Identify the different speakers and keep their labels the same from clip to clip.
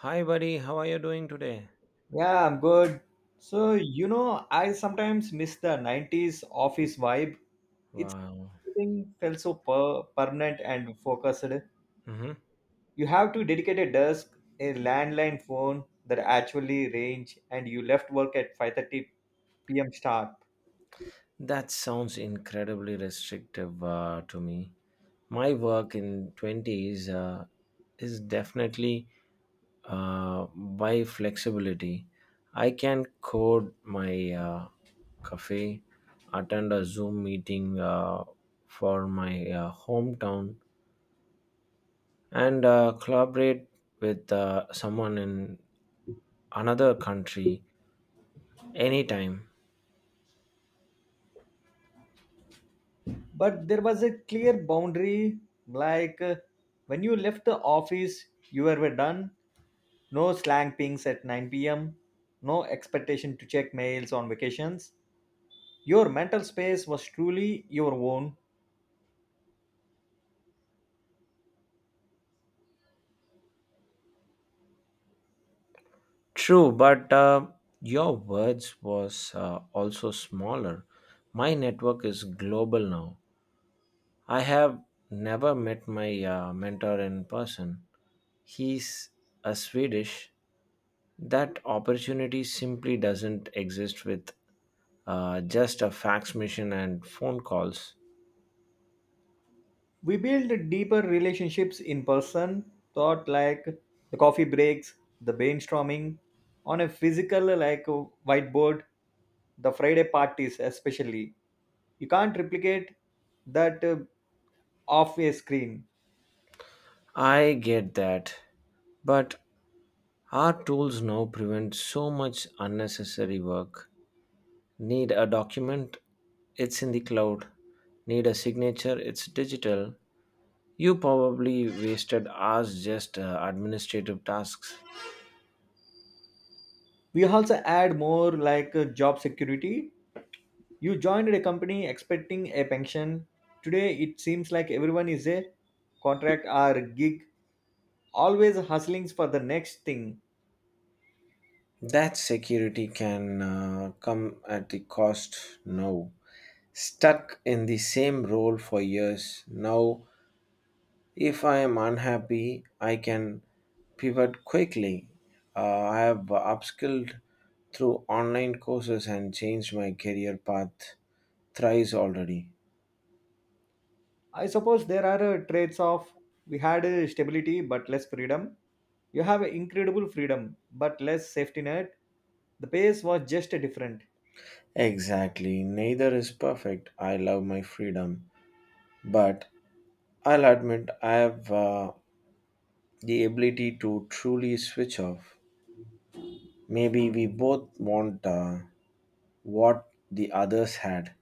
Speaker 1: Hi, buddy. How are you doing today?
Speaker 2: Yeah, I'm good. So, I sometimes miss the 90s office vibe. It's
Speaker 1: Wow.
Speaker 2: everything felt so permanent and focused.
Speaker 1: Hmm.
Speaker 2: You have to dedicate a desk, a landline phone that actually range, and you left work at 5:30 p.m. sharp.
Speaker 1: That sounds incredibly restrictive to me. My work in 20s is definitely by flexibility. I can code my cafe, attend a Zoom meeting for my hometown, and collaborate with someone in another country anytime.
Speaker 2: But there was a clear boundary like when you left the office, you were done. No slang pings at 9 p.m. No expectation to check mails on vacations. Your mental space was truly your own.
Speaker 1: True, but your words was also smaller. My network is global now. I have never met my mentor in person. He's a Swedish. That opportunity simply doesn't exist with just a fax machine and phone calls.
Speaker 2: We build deeper relationships in person, thought like the coffee breaks, the brainstorming, on a physical like whiteboard, the Friday parties especially. You can't replicate that off a screen.
Speaker 1: I get that, but our tools now prevent so much unnecessary work. Need a document? It's in the cloud. Need a signature? It's digital. You probably wasted hours just administrative tasks.
Speaker 2: We also add more like job security. You joined a company expecting a pension. Today it seems like everyone is a contract or gig, always hustling for the next thing.
Speaker 1: That security can come at the cost now. Stuck in the same role for years. Now, if I am unhappy, I can pivot quickly. I have upskilled through online courses and changed my career path thrice already.
Speaker 2: I suppose there are traits of we had stability but less freedom. You have incredible freedom but less safety net. The pace was just different.
Speaker 1: Exactly. Neither is perfect. I love my freedom. But I'll admit I have the ability to truly switch off. Maybe we both want what the others had,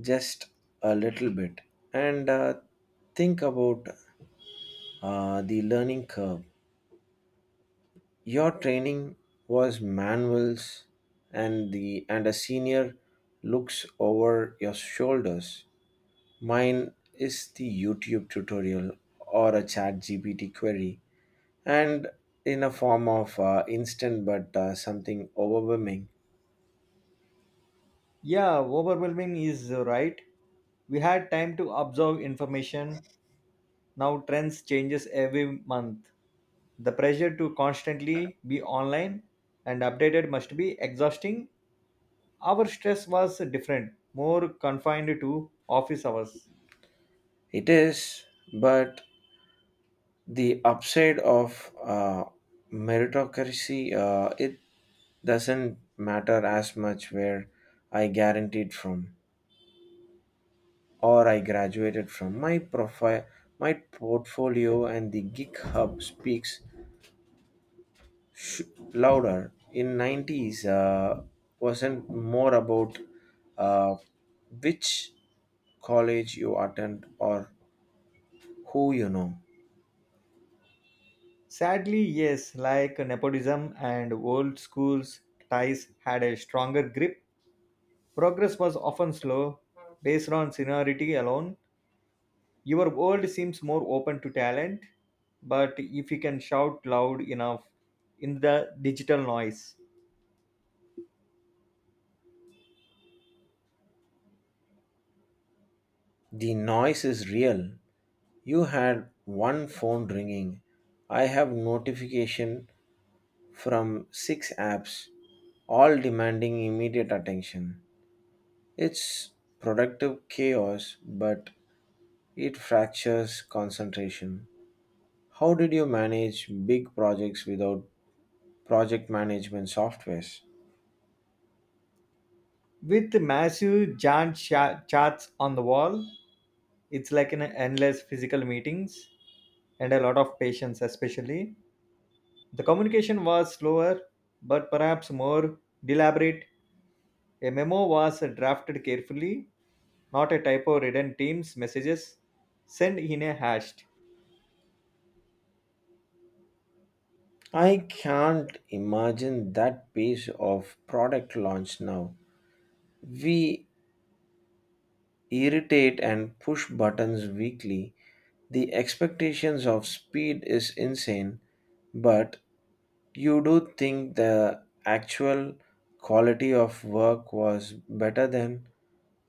Speaker 1: just a little bit. And think about the learning curve. Your training was manuals, and the and a senior looks over your shoulders. Mine is the YouTube tutorial or a chat GPT query, and in a form of instant but something overwhelming.
Speaker 2: Yeah, overwhelming is right. We had time to absorb information. Now trends changes every month. The pressure to constantly be online and updated must be exhausting. Our stress was different, more confined to office hours.
Speaker 1: It is, but the upside of meritocracy, it doesn't matter as much where I guaranteed from or I graduated from. My profile, my portfolio, and the GitHub speaks louder in 90s wasn't more about uh, which college you attend or who you know.
Speaker 2: Sadly, yes, like nepotism and old school's ties had a stronger grip, progress was often slow, based on seniority alone. Your world seems more open to talent, but if you can shout loud enough in the digital noise.
Speaker 1: The noise is real. You had one phone ringing. I have notification from six apps, all demanding immediate attention. It's productive chaos, but it fractures concentration. How did you manage big projects without project management softwares?
Speaker 2: With massive giant charts on the wall, it's like an endless physical meetings and a lot of patience, especially. The communication was slower, but perhaps more deliberate. A memo was drafted carefully, not a typo ridden team's messages sent in a haste.
Speaker 1: I can't imagine that pace of product launch now. We irritate and push buttons weekly. The expectations of speed is insane, but you do think the actual quality of work was better than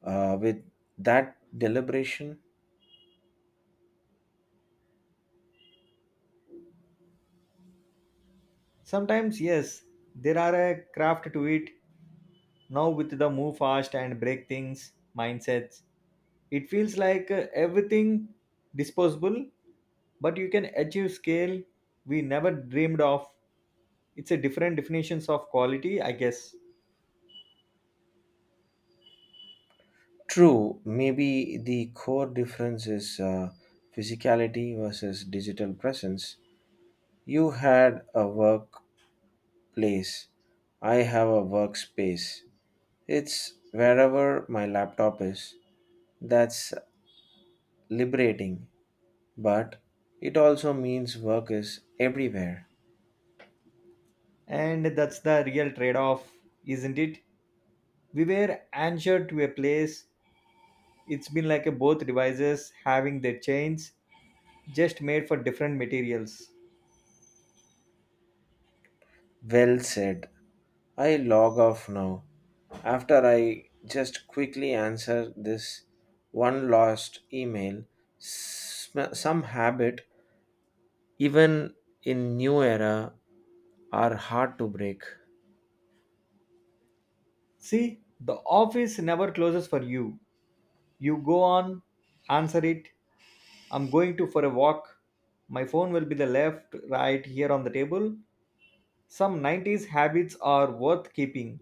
Speaker 1: with that deliberation?
Speaker 2: Sometimes, yes, there are a craft to it. Now, with the move fast and break things mindsets, it feels like everything disposable, but you can achieve scale we never dreamed of. It's a different definitions of quality, I guess.
Speaker 1: True, maybe the core difference is physicality versus digital presence. You had a workplace. I have a workspace. It's wherever my laptop is. That's liberating, but it also means work is everywhere.
Speaker 2: And that's the real trade off, isn't it? We were anchored to a place. It's been like a both devices having their chains, just made for different materials.
Speaker 1: Well said. I log off now, after I just quickly answer this one last email. Some habit, even in new era, are hard to break.
Speaker 2: See, the office never closes for you. You go on, answer it. I'm going to for a walk. My phone will be the left, right here on the table. Some 90s habits are worth keeping.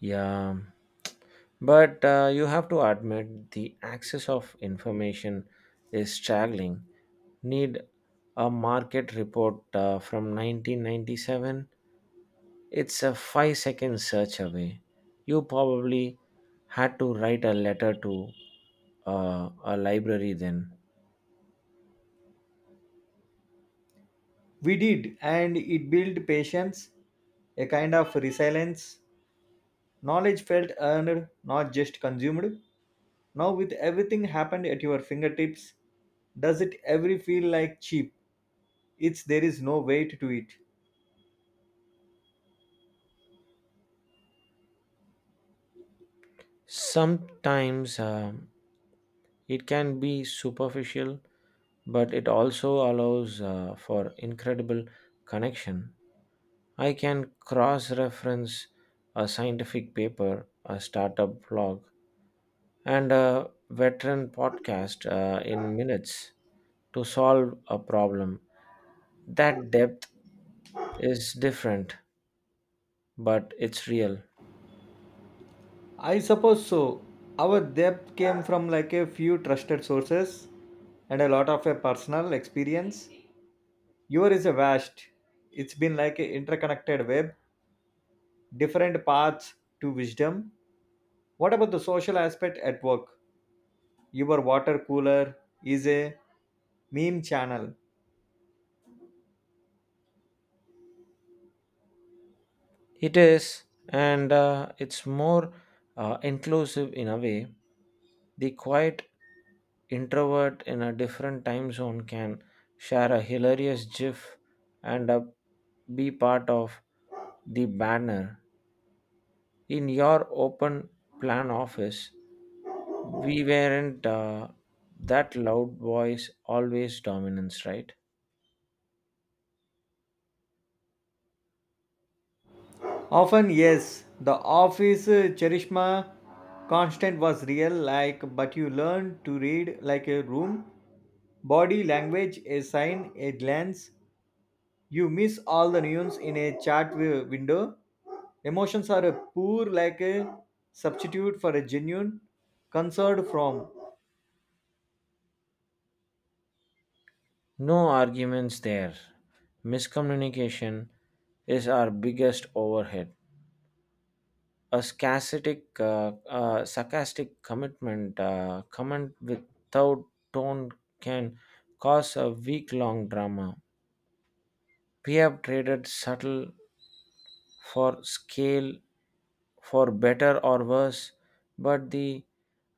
Speaker 1: Yeah. But you have to admit the access of information is staggering. Need a market report from 1997? It's a 5-second search away. You probably had to write a letter to a library then.
Speaker 2: We did, and it built patience, a kind of resilience. Knowledge felt earned, not just consumed. Now, with everything happened at your fingertips, does it ever feel like cheap? It's there is no weight to it.
Speaker 1: Sometimes it can be superficial, but it also allows for incredible connection. I can cross reference a scientific paper, a startup blog, and a veteran podcast in minutes to solve a problem. That depth is different, but it's real.
Speaker 2: I suppose so. Our depth came from like a few trusted sources and a lot of a personal experience. Yours is a vast. It's been like an interconnected web, different paths to wisdom. What about the social aspect at work? Your water cooler is a meme channel.
Speaker 1: It is, and it's more inclusive in a way. The quiet introvert in a different time zone can share a hilarious gif and be part of the banner. In your open plan office, we weren't that loud voice, always dominance, right?
Speaker 2: Often, yes. The office Charishma constant was real, like, but you learn to read like a room, body language, a sign, a glance. You miss all the nuance in a chat window. Emotions are a poor, like a substitute for a genuine concern from.
Speaker 1: No arguments there. Miscommunication is our biggest overhead. A sarcastic comment without tone can cause a week-long drama. We have traded subtle for scale, for better or worse, but the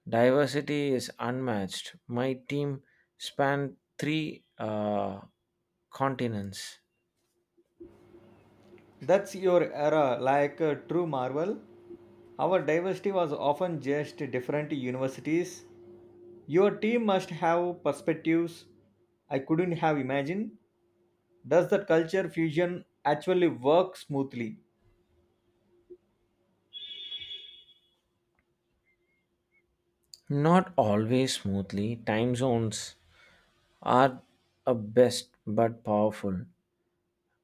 Speaker 1: diversity is unmatched. My team spanned three continents.
Speaker 2: That's your era, like a true marvel. Our diversity was often just different universities. Your team must have perspectives I couldn't have imagined. Does that culture fusion actually work smoothly?
Speaker 1: Not always smoothly, time zones are a best but powerful.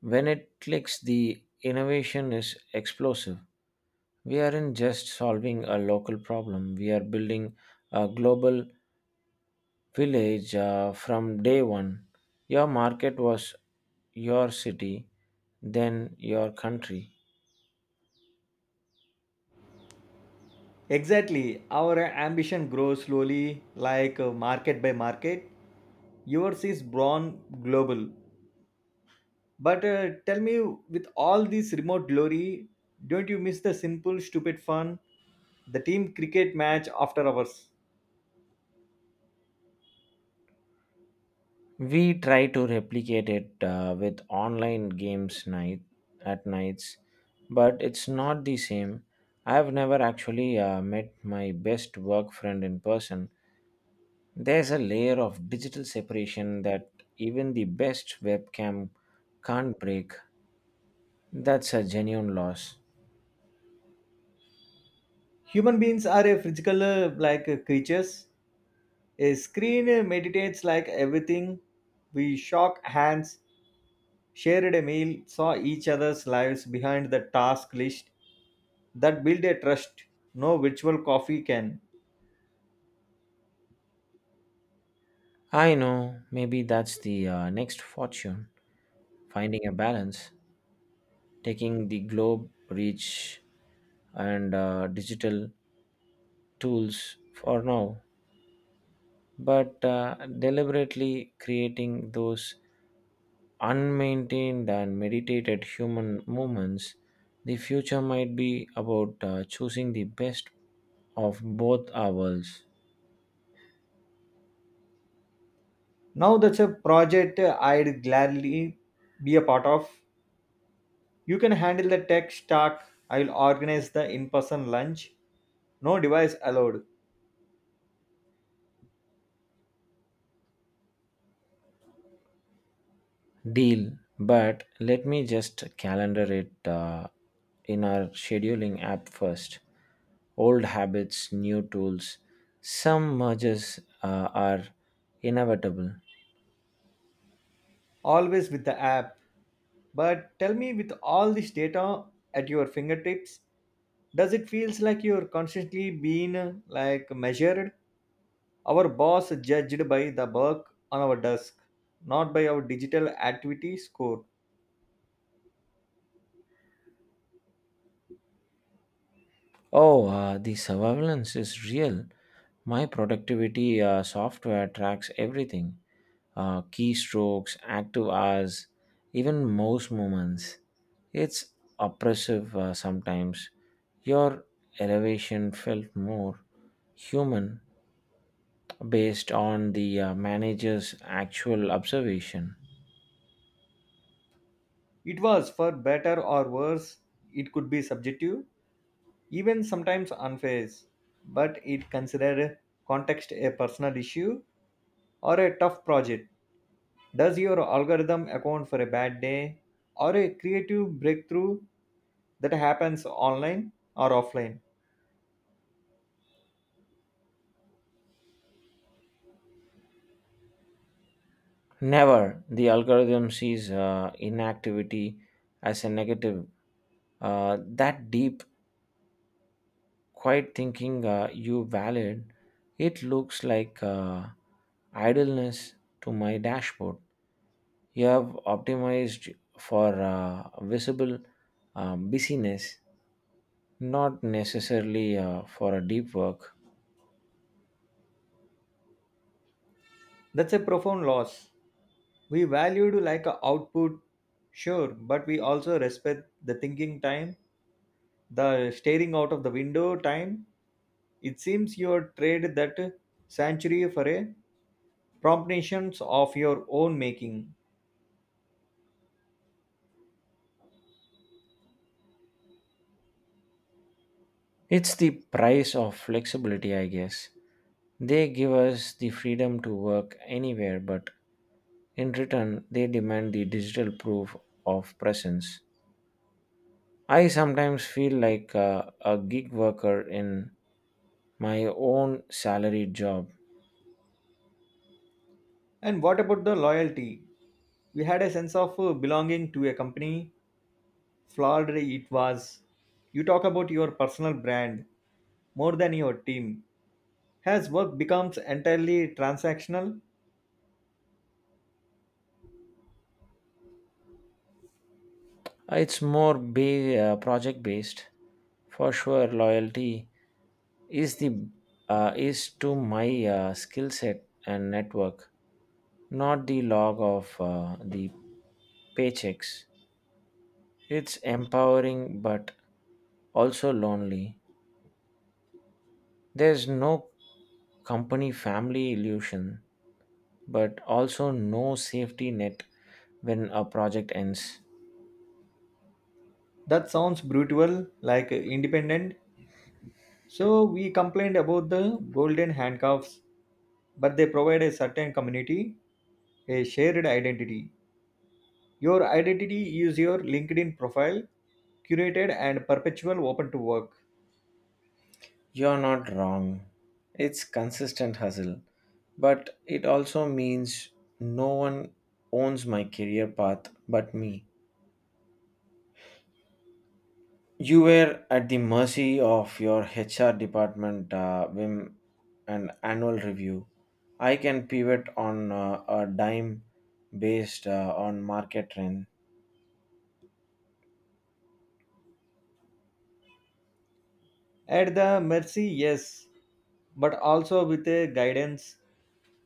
Speaker 1: When it clicks, the innovation is explosive. We aren't just solving a local problem, we are building a global village from day one. Your market was your city, then your country.
Speaker 2: Exactly. Our ambition grows slowly, like market by market. Yours is born global. But tell me, with all this remote glory, don't you miss the simple, stupid fun? The team cricket match after hours.
Speaker 1: We try to replicate it with online games night at nights, but it's not the same. I've never actually met my best work friend in person. There's a layer of digital separation that even the best webcam can't break. That's a genuine loss.
Speaker 2: Human beings are a physical, like creatures. A screen meditates like everything. We shook hands, shared a meal, saw each other's lives behind the task list that built a trust no virtual coffee can.
Speaker 1: I know, maybe that's the next fortune, finding a balance, taking the globe reach and digital tools for now, but deliberately creating those unmaintained and meditated human movements. The future might be about choosing the best of both our worlds.
Speaker 2: Now that's a project I'd gladly be a part of. You can handle the tech stack. I'll organize the in person lunch. No device allowed.
Speaker 1: Deal, but let me just calendar it in our scheduling app first. Old habits, new tools, some mergers are inevitable.
Speaker 2: Always with the app. But tell me, with all this data at your fingertips, does it feels like you're constantly being like measured? Our boss judged by the work on our desk, not by our digital activity score.
Speaker 1: Oh, the surveillance is real. My productivity software tracks everything. Keystrokes, active hours, even mouse movements. It's oppressive sometimes. Your elevation felt more human based on the manager's actual observation.
Speaker 2: It was for better or worse. It could be subjective, even sometimes unfair, but it considered context a personal issue or a tough project. Does your algorithm account for a bad day or a creative breakthrough that happens online or offline?
Speaker 1: Never the algorithm sees inactivity as a negative. That deep, quiet thinking you valid, it looks like idleness to my dashboard. You have optimized for visible busyness, not necessarily for a deep work.
Speaker 2: That's a profound loss. We valued like a output, sure, but we also respect the thinking time, the staring out of the window time. It seems you have traded that sanctuary for a promptations of your own making.
Speaker 1: It's the price of flexibility, I guess. They give us the freedom to work anywhere, but in return, they demand the digital proof of presence. I sometimes feel like a gig worker in my own salaried job.
Speaker 2: And what about the loyalty? We had a sense of belonging to a company, flawed it was. You talk about your personal brand more than your team. Has work becomes entirely transactional?
Speaker 1: It's more be project based. For sure, loyalty is the is to my skill set and network, not the log of the paychecks. It's empowering but also lonely. There's no company family illusion, but also no safety net when a project ends.
Speaker 2: That sounds brutal, like independent. So we complained about the golden handcuffs, but they provide a certain community, a shared identity. Your identity is your LinkedIn profile, curated and perpetual open to work.
Speaker 1: You're not wrong. It's consistent hustle, but it also means no one owns my career path but me. You were at the mercy of your HR department whim and annual review. I can pivot on a dime based on market trend.
Speaker 2: At the mercy, yes, but also with a guidance.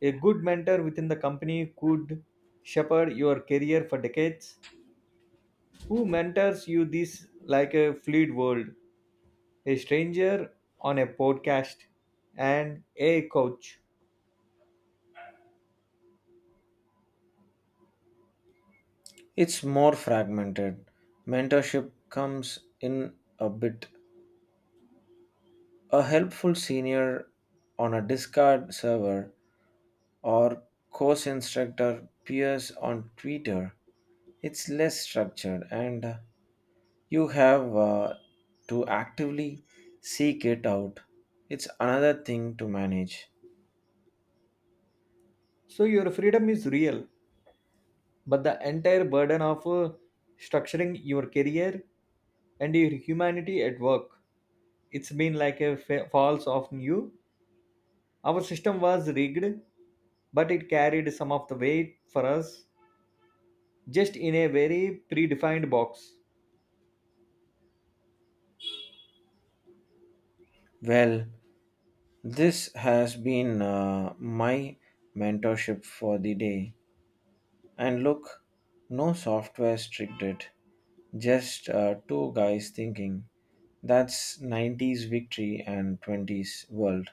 Speaker 2: A good mentor within the company could shepherd your career for decades. Who mentors you this like a fluid world? A stranger on a podcast and a coach.
Speaker 1: It's more fragmented. Mentorship comes in a bit. A helpful senior on a Discord server or course instructor peers on Twitter. It's less structured and you have to actively seek it out. It's another thing to manage.
Speaker 2: So your freedom is real, but the entire burden of structuring your career and your humanity at work. It's been like a falls off you. Our system was rigged, but it carried some of the weight for us just in a very predefined box.
Speaker 1: Well, this has been my mentorship for the day. And look, no software restricted, just two guys thinking. That's 90s victory and 20s world.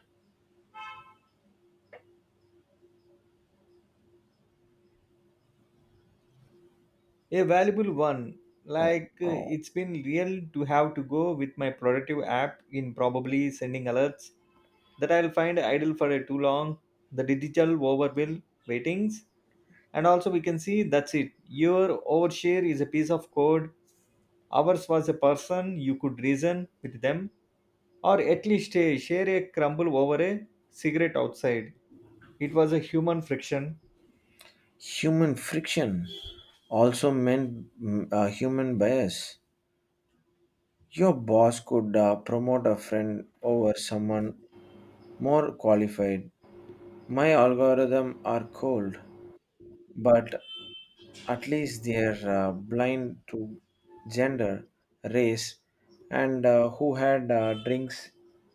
Speaker 2: A valuable one
Speaker 1: Oh,
Speaker 2: like
Speaker 1: oh.
Speaker 2: it's been real to have to go with my productive app in probably sending alerts that I'll find idle for a too long. The digital overwhelm waitings, and also we can see that's it your overshare is a piece of code. Ours was a person you could reason with them, or at least share a crumble over a cigarette outside. It was a human friction.
Speaker 1: Human friction also meant human bias. Your boss could promote a friend over someone more qualified. My algorithm are cold, but at least they're blind to gender, race, and who had drinks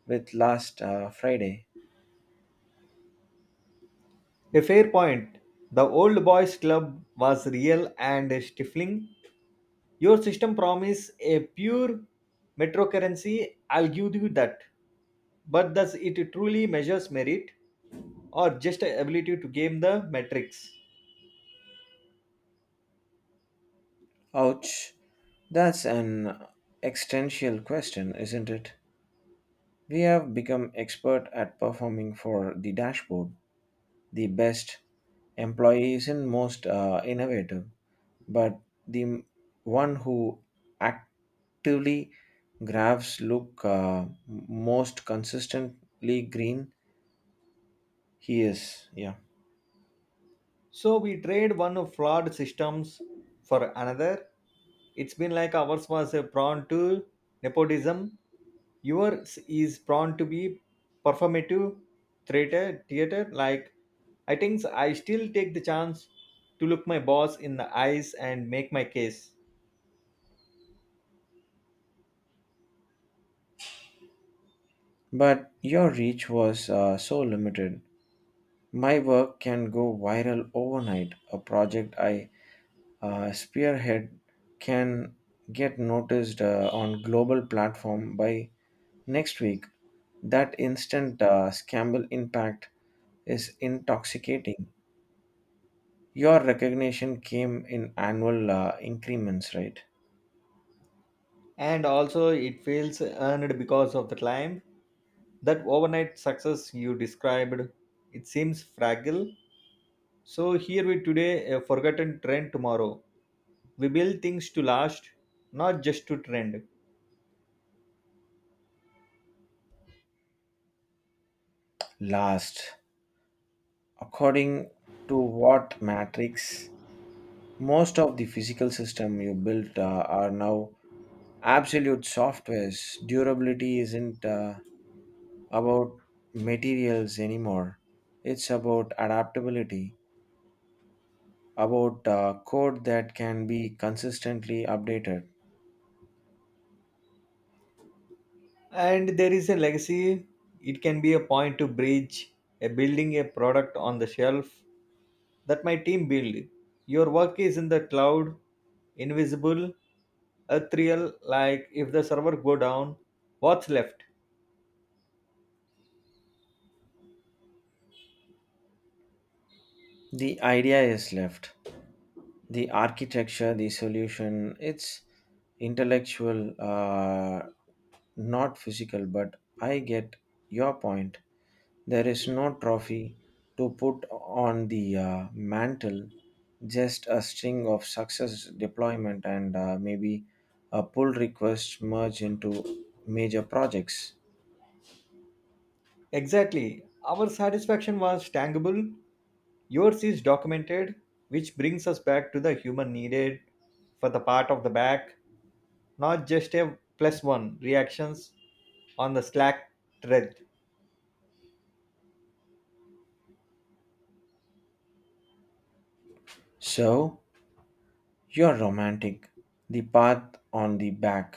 Speaker 1: with last Friday.
Speaker 2: A fair point. The old boys' club was real and stifling. Your system promised a pure metro currency, I'll give you that. But does it truly measures merit or just ability to game the metrics?
Speaker 1: Ouch, that's an existential question, isn't it? We have become expert at performing for the dashboard, the best employees and most innovative, but the one who actively graphs look most consistently green he is. Yeah,
Speaker 2: So we trade one of flawed systems for another. It's been like ours was prone to nepotism. Yours is prone to be performative theater. Theater, like I think so, I still take the chance to look my boss in the eyes and make my case.
Speaker 1: but your reach was so limited. My work can go viral overnight. A project I spearhead can get noticed on global platform by next week. That instant scandal impact is intoxicating. Your recognition came in annual increments, right?
Speaker 2: And also, it feels earned because of the climb. That overnight success you described, it seems fragile. So here we today, a forgotten trend tomorrow. We build things to last, not just to trend.
Speaker 1: Last according to what matrix? Most of the physical system you built are now absolute softwares. Durability isn't about materials anymore. It's about adaptability, about code that can be consistently updated.
Speaker 2: And there is a legacy. It can be a point to bridge a building a product on the shelf that my team build. Your work is in the cloud, invisible, ethereal, like if the server go down, what's left?
Speaker 1: The idea is left. The architecture, the solution, it's intellectual, not physical, but I get your point. There is no trophy to put on the mantle, just a string of success deployment and maybe a pull request merge into major projects.
Speaker 2: Exactly, our satisfaction was tangible. Yours is documented, which brings us back to the human needed for the part of the back, not just a plus one reactions on the Slack thread.
Speaker 1: So, you're romantic. The path on the back.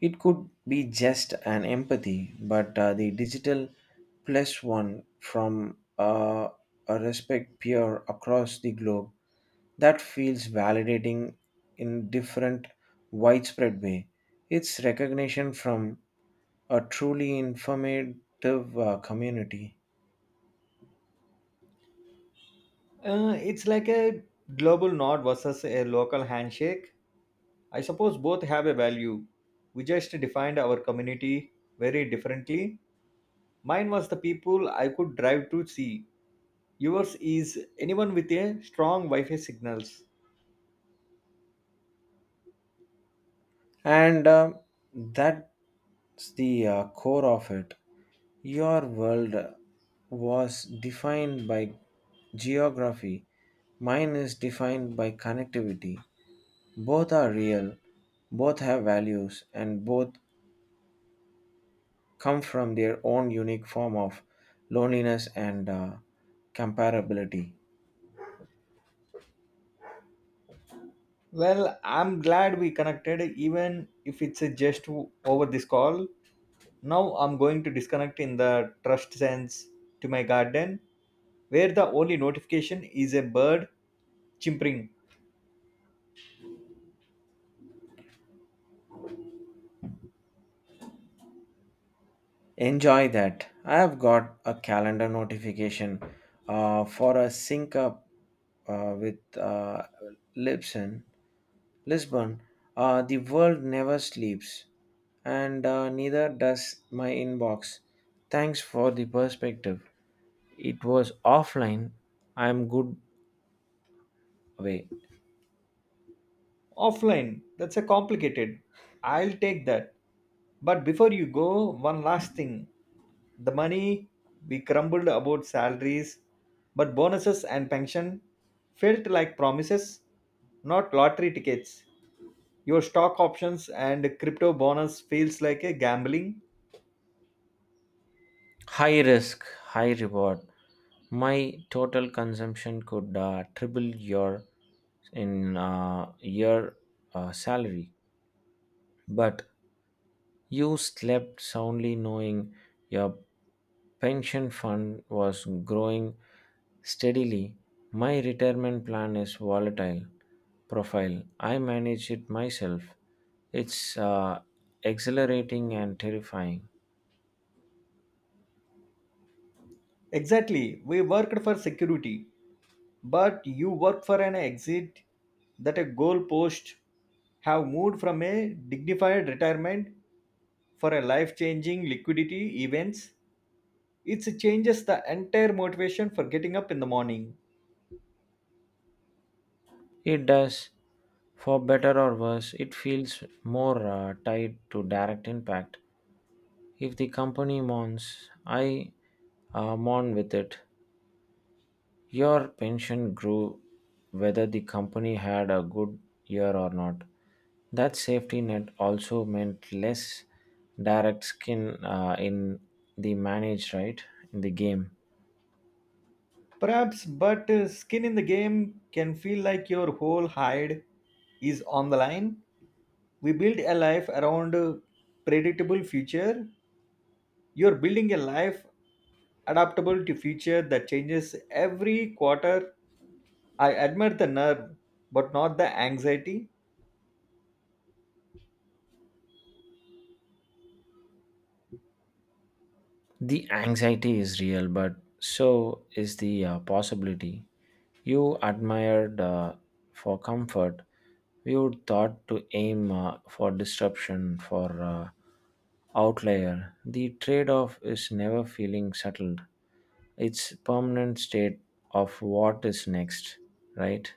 Speaker 1: It could be just an empathy, but the digital plus one from a respect peer across the globe that feels validating in different widespread way. It's recognition from a truly informative community,
Speaker 2: It's like a global nod versus a local handshake. I suppose both have a value. We just defined our community very differently. Mine was the people I could drive to see. Yours is anyone with a strong Wi-Fi signals.
Speaker 1: and that's the core of it. Your world was defined by geography, mine is defined by connectivity. Both are real, both have values, and both come from their own unique form of loneliness and comparability.
Speaker 2: Well, I'm glad we connected, even if it's just over this call. Now I'm going to disconnect in the trust sense to my garden where the only notification is a bird chimpering.
Speaker 1: Enjoy that. I have got a calendar notification for a sync up with Lipson Lisbon, the world never sleeps, and neither does my inbox. Thanks for the perspective. It was offline. I'm good away.
Speaker 2: Offline, that's a complicated. I'll take that. But before you go, one last thing. The money, we grumbled about salaries, but bonuses and pension felt like promises, not lottery tickets. Your stock options and crypto bonus feels like a gambling.
Speaker 1: High risk, high reward. My total consumption could triple your in year salary. But you slept soundly knowing your pension fund was growing steadily. My retirement plan is volatile profile. I manage it myself. It's exhilarating and terrifying.
Speaker 2: Exactly. We worked for security, but you work for an exit that a goal post have moved from a dignified retirement for a life-changing liquidity events. It changes the entire motivation for getting up in the morning.
Speaker 1: It does. For better or worse, it feels more tied to direct impact. If the company mourns, I mourn with it. Your pension grew whether the company had a good year or not. That safety net also meant less direct skin in the manage, right? In the game.
Speaker 2: Perhaps, but skin in the game can feel like your whole hide is on the line. We build a life around a predictable future. You're building a life adaptable to future that changes every quarter. I admire the nerve, but not the anxiety.
Speaker 1: The anxiety is real, but so is the possibility. You admired for comfort, you thought to aim for disruption, for outlier. The trade off is never feeling settled, it's permanent state of what is next, right?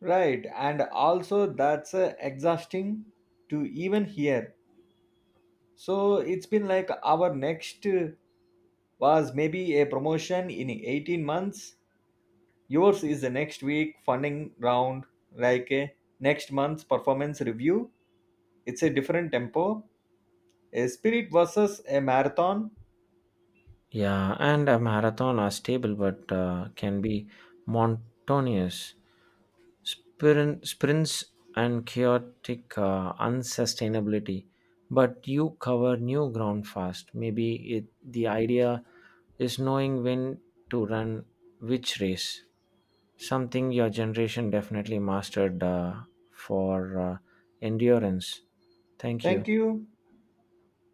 Speaker 2: Right, and also that's exhausting to even hear. So it's been like our next was maybe a promotion in 18 months. Yours is the next week funding round, like a next month's performance review. It's a different tempo. A spirit versus a marathon.
Speaker 1: Yeah, and a marathon are stable but can be monotonous. Sprints and chaotic unsustainability, but you cover new ground fast. Maybe it, the idea is knowing when to run which race, something your generation definitely mastered for endurance. Thank you.
Speaker 2: Thank you.